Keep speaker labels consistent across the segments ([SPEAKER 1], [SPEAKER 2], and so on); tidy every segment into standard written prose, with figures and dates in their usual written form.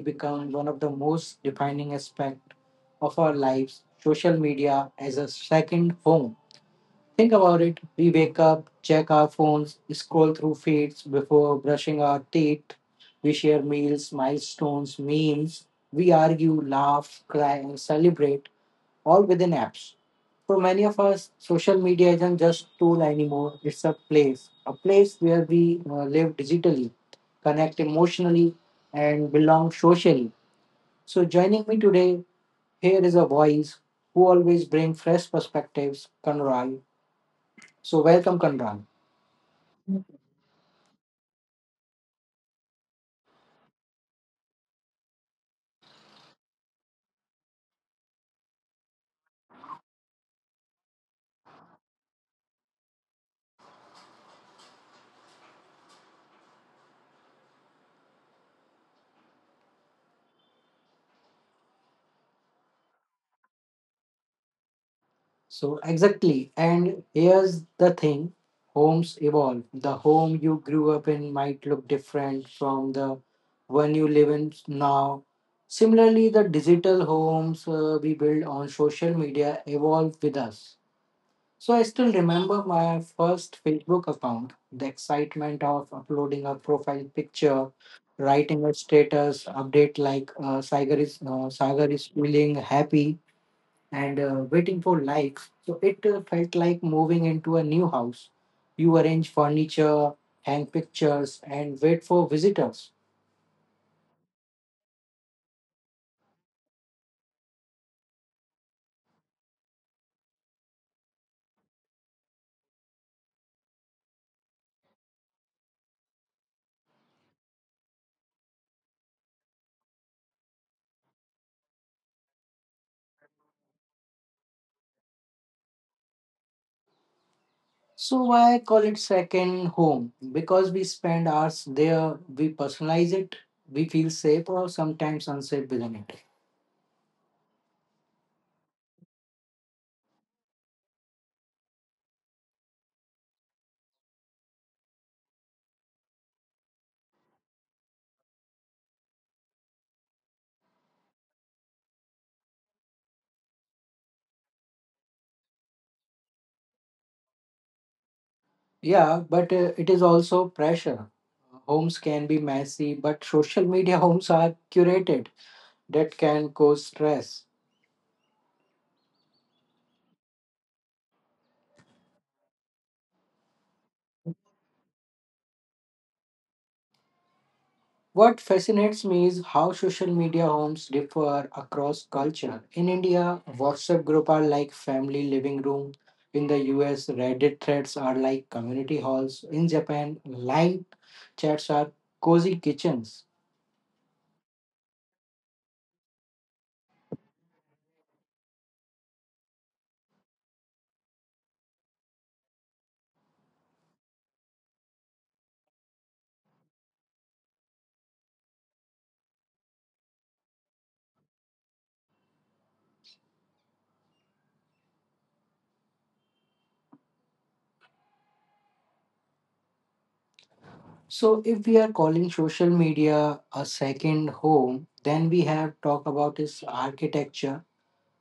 [SPEAKER 1] become one of the most defining aspects of our lives: social media as a second home. Think about it: we wake up, check our phones, scroll through feeds before brushing our teeth, we share meals, milestones, memes, we argue, laugh, cry, and celebrate all within apps. For many of us, social media isn't just a tool anymore. It's a place where we live digitally, connect emotionally, and belong socially. So, joining me today, here is a voice who always brings fresh perspectives, Kanral. So, welcome, Kanral. So exactly, and here's the thing: homes evolve. The home you grew up in might look different from the one you live in now. Similarly, the digital homes we build on social media evolve with us. So I still remember my first Facebook account, the excitement of uploading a profile picture, writing a status update like Sagar is feeling happy and waiting for likes. So it felt like moving into a new house. You arrange furniture, hang pictures, and wait for visitors. So why I call it second home? Because we spend hours there, we personalize it, we feel safe or sometimes unsafe within it. Yeah, but it is also pressure. Homes can be messy, but social media homes are curated. That can cause stress. What fascinates me is how social media homes differ across culture. In India, WhatsApp group are like family living room. In the US, Reddit threads are like community halls. In Japan, line chats are cozy kitchens. So if we are calling social media a second home, then we have talk about its architecture.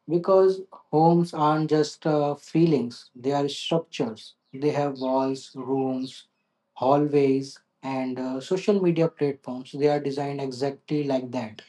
[SPEAKER 1] Because homes aren't just feelings, they are structures. They have walls, rooms, hallways, and social media platforms. They are designed exactly like that.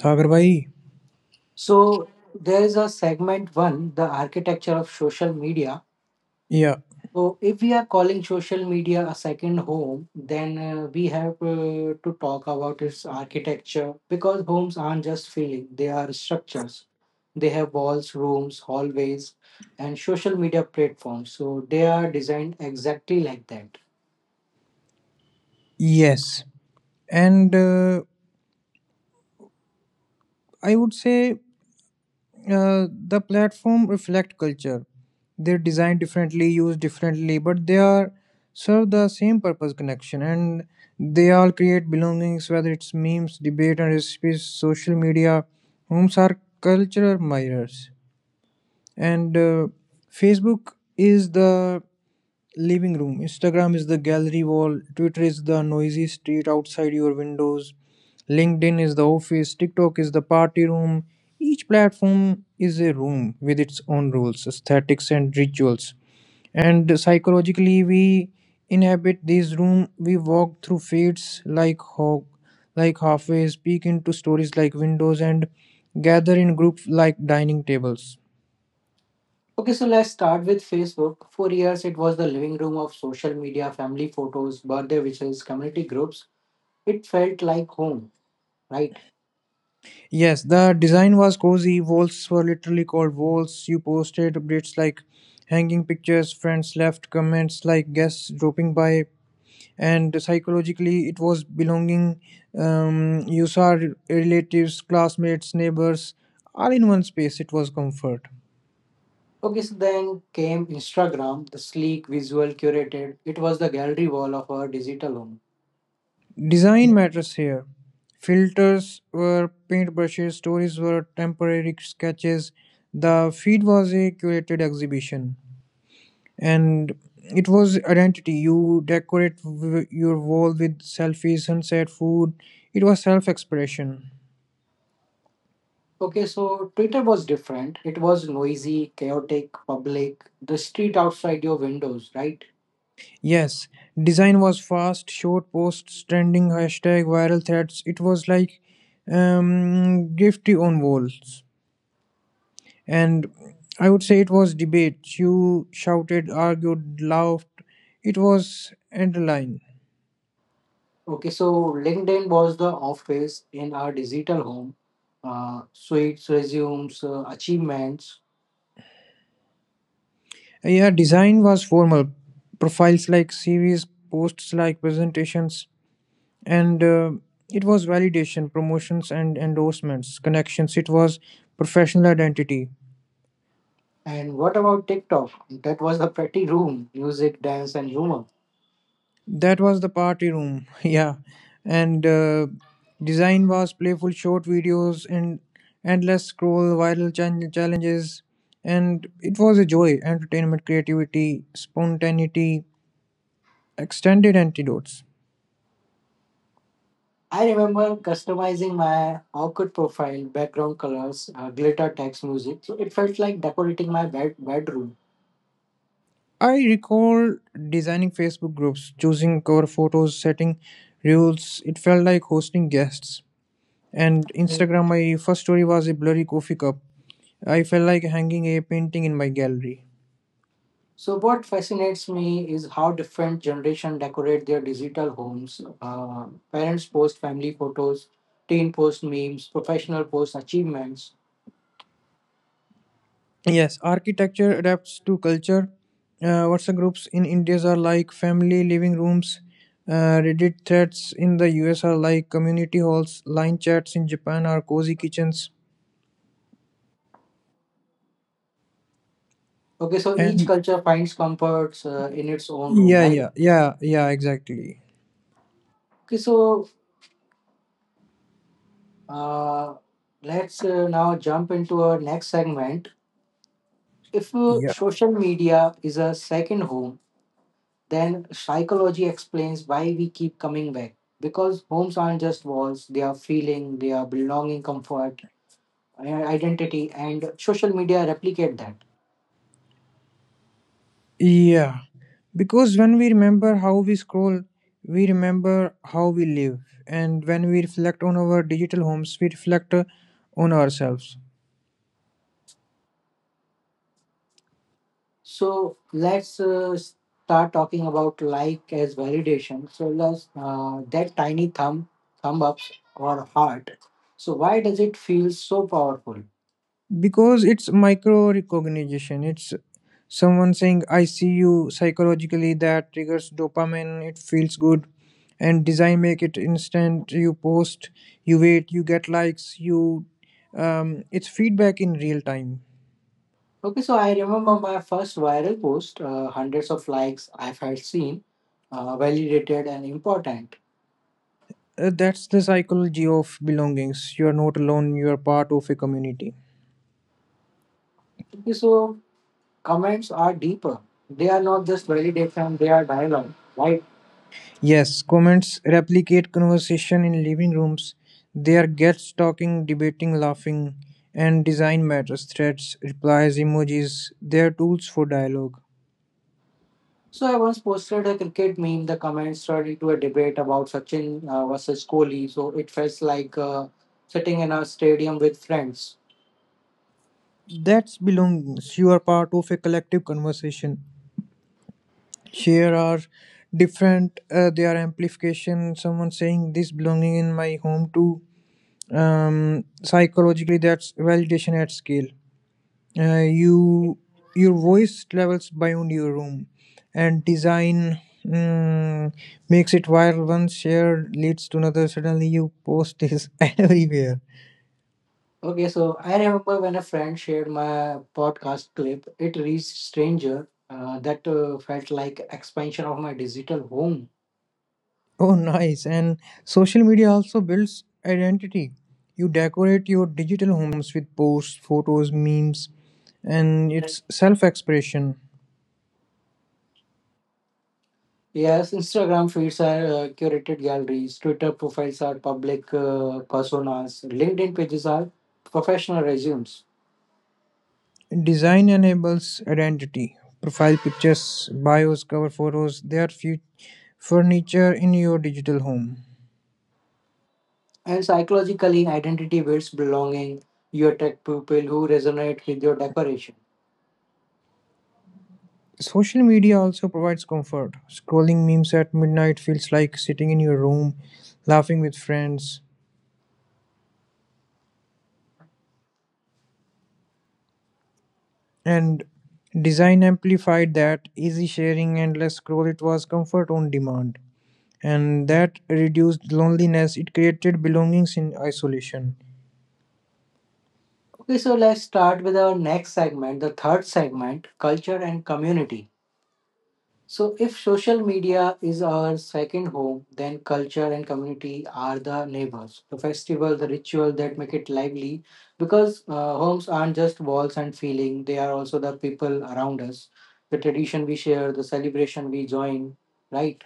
[SPEAKER 2] Sagar bhai,
[SPEAKER 1] So, there is a segment one: the architecture of social media.
[SPEAKER 2] yeah,
[SPEAKER 1] So, if we are calling social media a second home, then we have to talk about its architecture because homes aren't just feeling, they are structures. They have walls, rooms, hallways, and social media platforms. So they are designed exactly like that.
[SPEAKER 2] yes. And I would say the platform reflect culture. They're designed differently, used differently, but they are serve the same purpose connection, and they all create belongings, whether it's memes, debate and recipes, social media. Homes are cultural mirrors. And facebook is the living room, Instagram is the gallery wall, Twitter is the noisy street outside your windows, LinkedIn is the office, TikTok is the party room. Each platform is a room with its own rules, aesthetics and rituals, and psychologically we inhabit this room. We walk through feeds like hog like halfways, peek into stories like windows, and gather in groups like dining tables.
[SPEAKER 1] Okay, so let's start with Facebook. For years, it was the living room of social media, family photos, birthday wishes, community groups. It felt like home, right?
[SPEAKER 2] Yes, the design was cozy. Walls were literally called walls. You posted updates like hanging pictures, friends left comments like guests dropping by, and psychologically, it was belonging. You saw relatives, classmates, neighbors, all in one space. It was comfort.
[SPEAKER 1] Okay, so then came Instagram, the sleek, visual, curated. It was the gallery wall of our digital home.
[SPEAKER 2] Design matters here. Filters were paintbrushes, stories were temporary sketches. The feed was a curated exhibition. And it was identity. You decorate your wall with selfies, sunset, food. It was self expression.
[SPEAKER 1] Okay, so Twitter was different. It was noisy, chaotic, public, the street outside your windows, right?
[SPEAKER 2] Yes, design was fast, short posts, trending hashtag, viral threads. It was like graffiti on walls, and I would say it was debate. You shouted, argued, laughed. It was underline.
[SPEAKER 1] Okay, so LinkedIn was the office in our digital home. Suites, resumes, achievements.
[SPEAKER 2] Yeah, design was formal, profiles like series, posts like presentations, and it was validation, promotions and endorsements, connections. It was professional identity.
[SPEAKER 1] And what about TikTok? That was the pretty room, music, dance, and humor.
[SPEAKER 2] That was the party room. yeah and design was playful, short videos and endless scroll, viral challenges, and it was a joy, entertainment, creativity, spontaneity, extended antidotes.
[SPEAKER 1] I remember customizing my awkward profile, background colors, glitter text music. So it felt like decorating my bedroom.
[SPEAKER 2] I recall designing Facebook groups, choosing cover photos, setting rules. It felt like hosting guests. And Instagram, my first story was a blurry coffee cup. I felt like hanging a painting in my gallery.
[SPEAKER 1] So what fascinates me is how different generation decorate their digital homes. Parents post family photos, teen post memes, professional post achievements.
[SPEAKER 2] Yes, architecture adapts to culture. WhatsApp groups in India are like family living rooms. Reddit threads in the US are like community halls. Line chats in Japan are cozy kitchens.
[SPEAKER 1] Okay, so each
[SPEAKER 2] And
[SPEAKER 1] culture finds comforts in its own room,
[SPEAKER 2] yeah,
[SPEAKER 1] right?
[SPEAKER 2] yeah, yeah, yeah, exactly.
[SPEAKER 1] Okay, so uh, let's now jump into our next segment. If
[SPEAKER 2] Yeah.
[SPEAKER 1] social media is a second home, then psychology explains why we keep coming back. Because homes aren't just walls; they are feeling, they are belonging, comfort, identity, and social media replicate that.
[SPEAKER 2] Yeah, because when we remember how we scroll, we remember how we live. And when we reflect on our digital homes, we reflect on ourselves.
[SPEAKER 1] So let's start talking about like as validation. So let's that tiny thumb ups or heart. So why does it feel so powerful?
[SPEAKER 2] Because it's micro recognition, it's someone saying, I see you psychologically, that triggers dopamine, it feels good. And design make it instant. You post, you wait, you get likes, you. It's feedback in real time.
[SPEAKER 1] Okay, so I remember my first viral post, hundreds of likes. I've had seen validated and important.
[SPEAKER 2] That's the psychology of belongings. You are not alone, you are part of a community.
[SPEAKER 1] Okay, so comments are deeper. They are not just validation, they are dialogue, right?
[SPEAKER 2] Yes, comments replicate conversation in living rooms. They are guests talking, debating, laughing, and design matters, threads, replies, emojis. They are tools for dialogue.
[SPEAKER 1] So I once posted a cricket meme. The comments turned into a debate about Sachin versus Kohli. So it felt like sitting in a stadium with friends.
[SPEAKER 2] That's belongings. You are part of a collective conversation. Here are different, they are amplification. Someone saying this belonging in my home too. Psychologically, that's validation at scale. You, your voice travels beyond your room, and design mm, makes it viral. One share leads to another, suddenly you post this everywhere.
[SPEAKER 1] Okay, so I remember when a friend shared my podcast clip. It reached stranger. That felt like expansion of my digital home.
[SPEAKER 2] Oh nice. And social media also builds identity. You decorate your digital homes with posts, photos, memes, and it's self-expression.
[SPEAKER 1] Yes, Instagram feeds are curated galleries, Twitter profiles are public personas, LinkedIn pages are professional resumes.
[SPEAKER 2] Design enables identity, profile pictures, bios, cover photos. They are furniture in your digital home.
[SPEAKER 1] And psychologically, identity builds belonging. You attract people who resonate with your decoration.
[SPEAKER 2] Social media also provides comfort. Scrolling memes at midnight feels like sitting in your room, laughing with friends. And design amplified that, easy sharing, and less scroll, it was comfort on demand. And that reduced loneliness, it created belongings in isolation.
[SPEAKER 1] Okay, so let's start with our next segment, the third segment, culture and community. So, if social media is our second home, then culture and community are the neighbors. The festival, the ritual that make it lively, because homes aren't just walls and feeling; they are also the people around us, the tradition we share, the celebration we join. Right.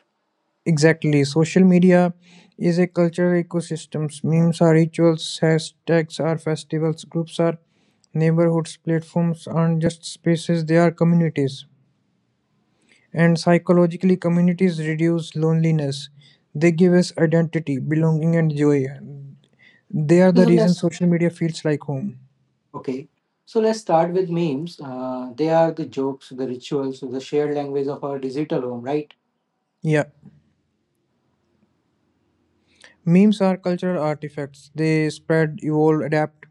[SPEAKER 2] Exactly. Social media is a cultural ecosystem. Memes are rituals, hashtags are festivals, groups are neighborhoods, platforms aren't just spaces, they are communities. And psychologically, communities reduce loneliness. They give us identity, belonging, and joy. They are the
[SPEAKER 1] So
[SPEAKER 2] reason
[SPEAKER 1] let's
[SPEAKER 2] social media feels like home.
[SPEAKER 1] Okay, so let's start with memes. They are the jokes, the rituals, the shared language of our digital home, right?
[SPEAKER 2] Yeah. Memes are cultural artifacts. They spread, evolve, adapt.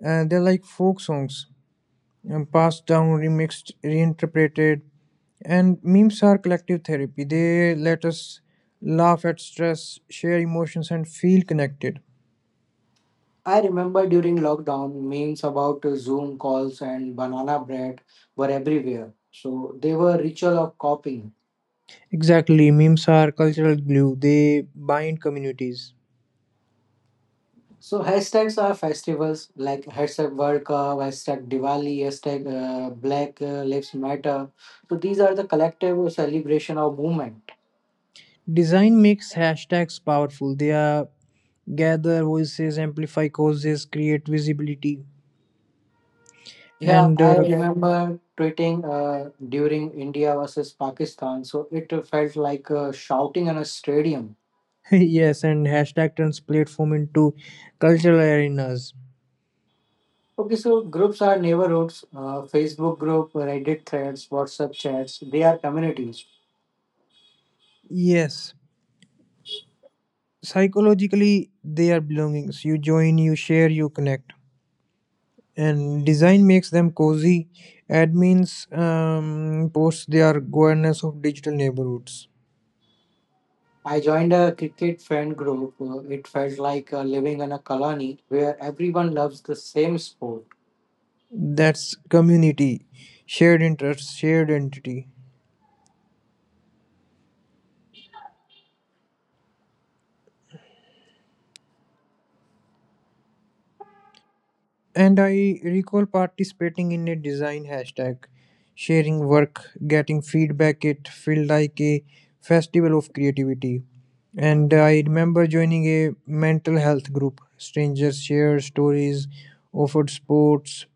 [SPEAKER 2] And they're like folk songs, passed down, remixed, reinterpreted. And memes are collective therapy. They let us laugh at stress, share emotions, and feel connected.
[SPEAKER 1] I remember during lockdown, memes about Zoom calls and banana bread were everywhere. So they were ritual of copying.
[SPEAKER 2] Exactly. Memes are cultural glue. They bind communities.
[SPEAKER 1] So hashtags are festivals like hashtag World Cup, hashtag Diwali, hashtag Black Lives Matter. So these are the collective celebration of movement.
[SPEAKER 2] Design makes hashtags powerful. They are gather voices, amplify causes, create visibility,
[SPEAKER 1] Yeah,
[SPEAKER 2] and
[SPEAKER 1] I
[SPEAKER 2] uh,
[SPEAKER 1] remember tweeting during India versus Pakistan, so it felt like shouting in a stadium.
[SPEAKER 2] yes, and hashtag turns platform into cultural arenas.
[SPEAKER 1] Okay, so groups are neighborhoods, Facebook group, Reddit threads, WhatsApp chats, they are communities.
[SPEAKER 2] Yes, psychologically they are belongings. You join, you share, you connect, and design makes them cozy. Admins post their governance of digital neighborhoods.
[SPEAKER 1] I joined a cricket fan group. It felt like living in a colony where everyone loves the same sport.
[SPEAKER 2] That's community, shared interests, shared entity. And I recall participating in a design hashtag, sharing work, getting feedback. It felt like a festival of creativity. And I remember joining a mental health group. Strangers shared stories, offered sports,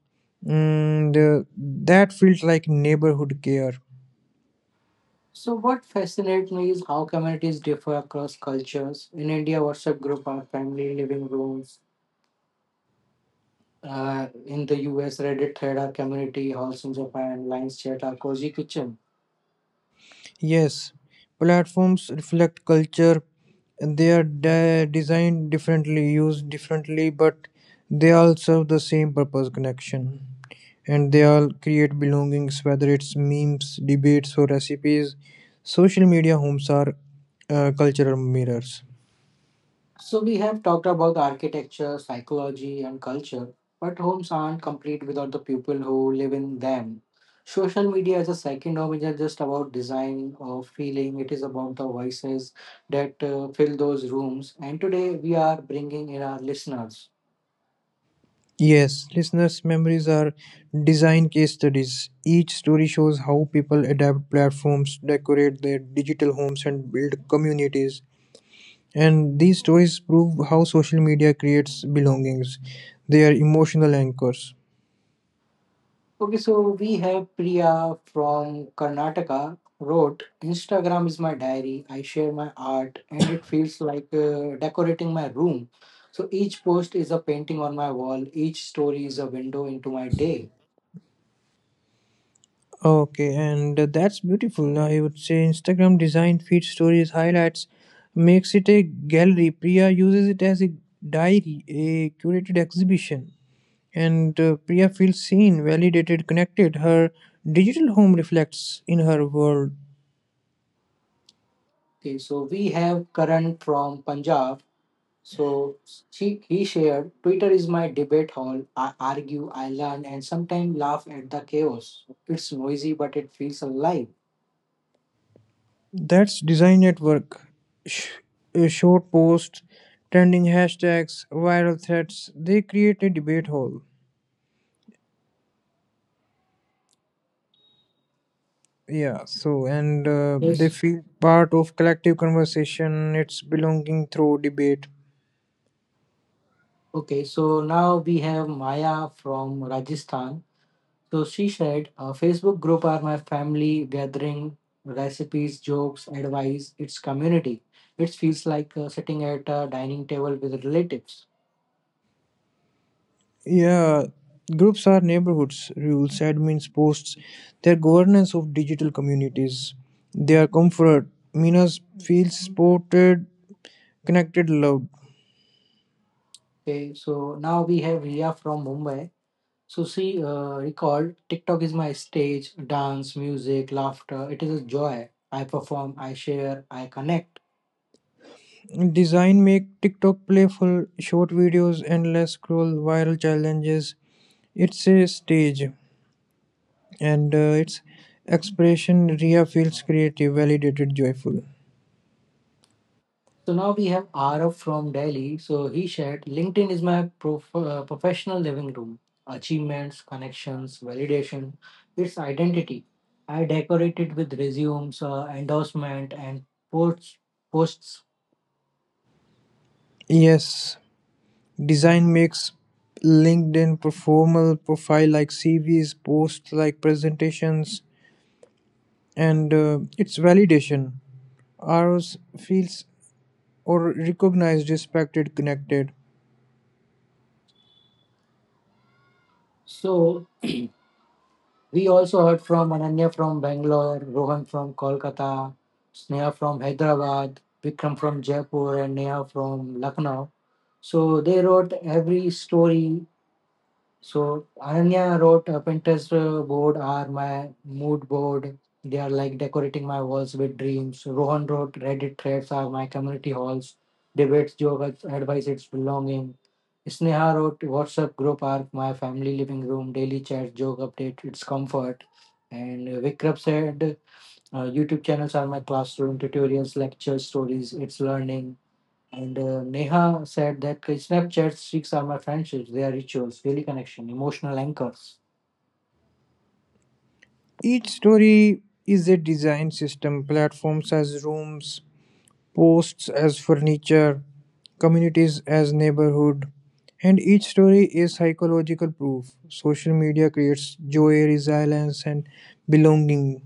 [SPEAKER 2] and that felt like neighborhood care.
[SPEAKER 1] So, what fascinates me is how communities differ across cultures. In India, WhatsApp group are family living rooms. In the US, Reddit thread, our community halls in Japan, lines Chat, our cozy kitchen.
[SPEAKER 2] Yes, platforms reflect culture. They are designed differently, used differently, but they all serve the same purpose connection. And they all create belongings, whether it's memes, debates, or recipes. Social media homes are cultural mirrors.
[SPEAKER 1] So we have talked about architecture, psychology, and culture, but homes aren't complete without the people who live in them. Social media as a second home isn't just about design or feeling, it is about the voices that fill those rooms. And today we are bringing in our listeners.
[SPEAKER 2] Yes, listeners' memories are design case studies. Each story shows how people adapt platforms, decorate their digital homes, and build communities. And these stories prove how social media creates belongings. They are emotional anchors.
[SPEAKER 1] Okay, so we have Priya from Karnataka wrote Instagram is my diary. I share my art and it feels like decorating my room. So each post is a painting on my wall, each story is a window into my day.
[SPEAKER 2] Okay, and that's beautiful. I would say Instagram design feed, stories, highlights makes it a gallery. Priya uses it as a diary, a curated exhibition. And Priya feels seen, validated, connected. Her digital home reflects in her world.
[SPEAKER 1] Okay, so we have Karan from Punjab. So she, he shared Twitter is my debate hall. I argue, I learn, and sometimes laugh at the chaos. It's noisy, but it feels alive.
[SPEAKER 2] That's design at work. Sh- Short posts, trending hashtags, viral threads, they create a debate hole. Yeah, so and they
[SPEAKER 1] Yes.
[SPEAKER 2] feel part of collective conversation, it's belonging through debate.
[SPEAKER 1] Okay, so now we have Maya from Rajasthan. So she said, "A Facebook group are my family gathering recipes, jokes, advice. It's community. It feels like sitting at a dining table with relatives."
[SPEAKER 2] Yeah, groups are neighborhoods, rules, admins, posts, they are governance of digital communities. They are comfort. Minas feels supported, connected, loved.
[SPEAKER 1] Okay, so now we have Ria from Mumbai. So she recalled, "TikTok is my stage, dance, music, laughter. It is a joy. I perform, I share, I connect."
[SPEAKER 2] Design make TikTok playful, short videos, endless scroll, viral challenges. It's a stage, and its expression. Ria feels creative, validated, joyful.
[SPEAKER 1] So now we have Arav from Delhi. So he shared LinkedIn is my professional living room. Achievements, connections, validation, its identity. I decorate it with resumes, endorsement, and posts. posts.
[SPEAKER 2] Yes, design makes LinkedIn performal profile like CVs, posts like presentations, and its validation. Ours feels or recognized, respected, connected.
[SPEAKER 1] So we also heard from Ananya from Bangalore, Rohan from Kolkata, Sneha from Hyderabad, Vikram from Jaipur, and Neha from Lucknow. So they wrote every story. So Ananya wrote Pinterest board are my mood board. They are like decorating my walls with dreams. Rohan wrote Reddit threads are my community halls. Debates, jokes, advice, it's belonging. Sneha wrote WhatsApp group are my family living room, daily chat, joke update, it's comfort. And Vikram said YouTube channels are my classroom, tutorials, lectures, stories, it's learning. And Neha said that Snapchat streaks are my friendships. They are rituals, daily connection, emotional anchors.
[SPEAKER 2] Each story is a design system, platforms as rooms, posts as furniture, communities as neighborhood, and each story is psychological proof. Social media creates joy, resilience, and belonging.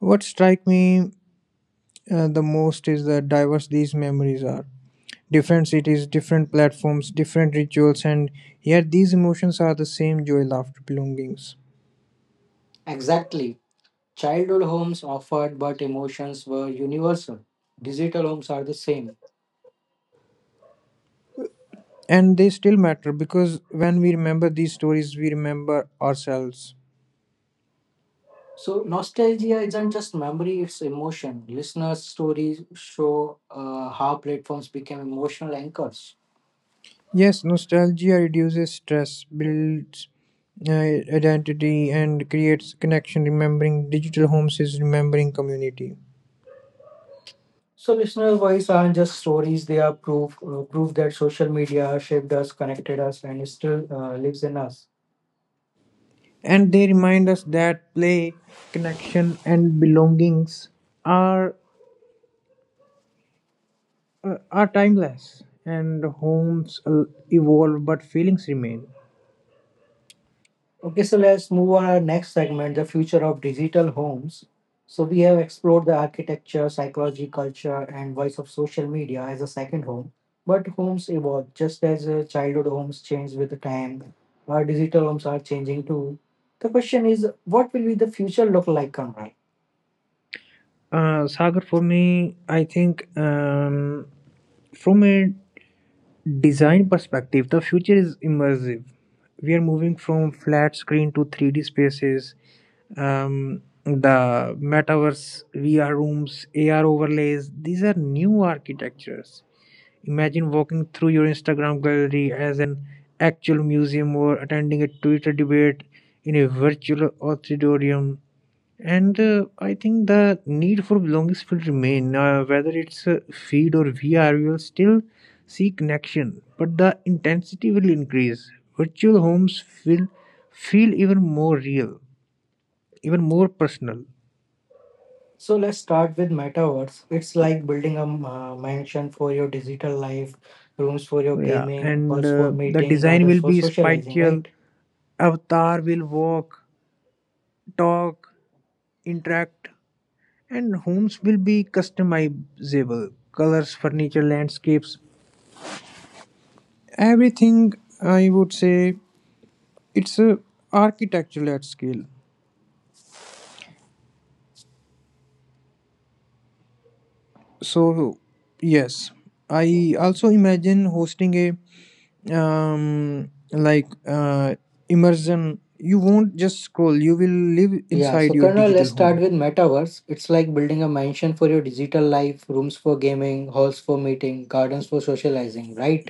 [SPEAKER 2] What strike me the most is the diverse these memories are. Different cities, different platforms, different rituals, and yet these emotions are the same joy, laughter, belongings.
[SPEAKER 1] Exactly. Childhood homes offered, but emotions were universal. Digital homes are the same.
[SPEAKER 2] And they still matter because when we remember these stories, we remember ourselves.
[SPEAKER 1] So nostalgia isn't just memory; it's emotion. Listeners' stories show how platforms became emotional anchors.
[SPEAKER 2] Yes, nostalgia reduces stress, builds identity, and creates connection. Remembering digital homes is remembering community.
[SPEAKER 1] So listener voice aren't just stories; they are proof, proof that social media shaped us, connected us, and still lives in us.
[SPEAKER 2] And they remind us that play, connection, and belongings are, are timeless. And homes evolve, but feelings remain.
[SPEAKER 1] Okay, so let's move on our next segment, the future of digital homes. So we have explored the architecture, psychology, culture, and voice of social media as a second home. But homes evolve just as childhood homes change with the time. Our digital homes are changing too. The question is, what will be the future look like, Kamran?
[SPEAKER 2] Sagar, for me, I think from a design perspective, the future is immersive. We are moving from flat screen to 3D spaces, the metaverse, VR rooms, AR overlays. These are new architectures. Imagine walking through your Instagram gallery as an actual museum, or attending a Twitter debate in a virtual auditorium. And I think the need for belongings will remain, whether it's feed or VR, we will still see connection, but the intensity will increase. Virtual homes will feel even more real, even more personal.
[SPEAKER 1] So let's start with metaverse. It's like building a mansion for your digital life, rooms for your
[SPEAKER 2] Yeah,
[SPEAKER 1] gaming,
[SPEAKER 2] and
[SPEAKER 1] halls for
[SPEAKER 2] The
[SPEAKER 1] meeting,
[SPEAKER 2] design
[SPEAKER 1] gardens
[SPEAKER 2] will
[SPEAKER 1] for
[SPEAKER 2] be
[SPEAKER 1] socializing,
[SPEAKER 2] spatial.
[SPEAKER 1] right?
[SPEAKER 2] Avatar will walk, talk, interact, and homes will be customizable. Colors, furniture, landscapes, everything. I would say it's a architectural at scale. So yes, I also imagine hosting a like uh, immersion. You won't just scroll, you will live
[SPEAKER 1] Yeah,
[SPEAKER 2] inside
[SPEAKER 1] so
[SPEAKER 2] your
[SPEAKER 1] Karna,
[SPEAKER 2] digital
[SPEAKER 1] let's start
[SPEAKER 2] home.
[SPEAKER 1] with metaverse. It's like building a mansion for your digital life, rooms for gaming, halls for meeting, gardens for socializing, right?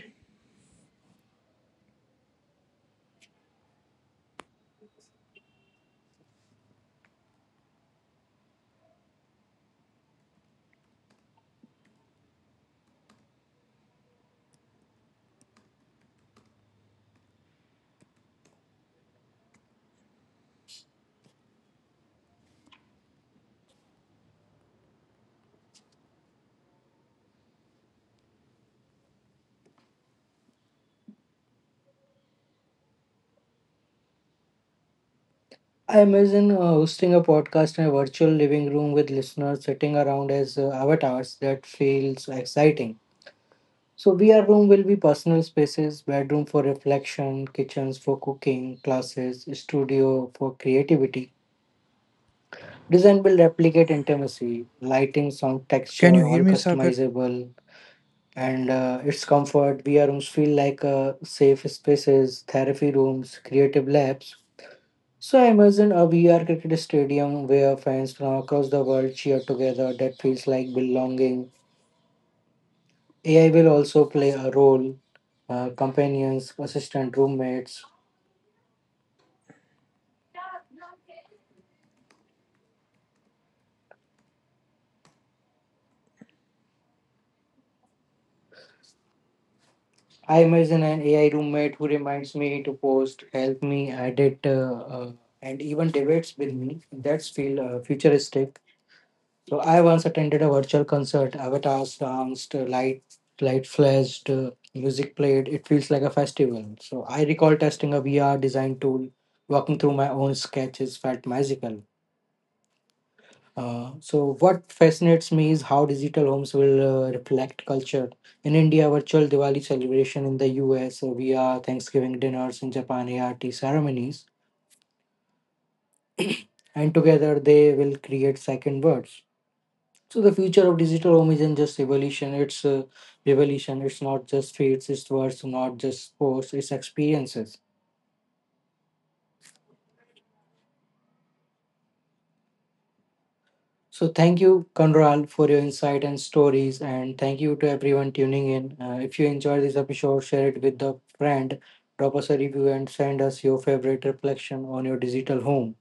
[SPEAKER 1] I imagine hosting a podcast in a virtual living room with listeners sitting around as avatars. That feels exciting. So VR room will be personal spaces, bedroom for reflection, kitchens for cooking, classes, studio for creativity. Design will replicate intimacy, lighting, sound,
[SPEAKER 2] Can
[SPEAKER 1] texture,
[SPEAKER 2] you hear
[SPEAKER 1] all
[SPEAKER 2] me, Sagar?
[SPEAKER 1] customizable. And its comfort. VR rooms feel like safe spaces, therapy rooms, creative labs. So I imagine a VR cricket stadium where fans from across the world cheer together. That feels like belonging. AI will also play a role. Companions, assistant roommates. I imagine an AI roommate who reminds me to post, help me edit, and even debates with me. That's feel futuristic. So I once attended a virtual concert. Avatars danced, light flashed, music played. It feels like a festival. So I recall testing a VR design tool, walking through my own sketches felt magical. So what fascinates me is how digital homes will reflect culture. In India, virtual Diwali celebration in the US, VR Thanksgiving dinners in Japan, ART ceremonies, and together they will create second words. So the future of digital home isn't just evolution; it's revolution. It's not just feeds, it's words, not just posts, it's experiences. So thank you, Kanral, for your insight and stories, and thank you to everyone tuning in. If you enjoyed this episode, share it with a friend, drop us a review, and send us your favorite reflection on your digital home.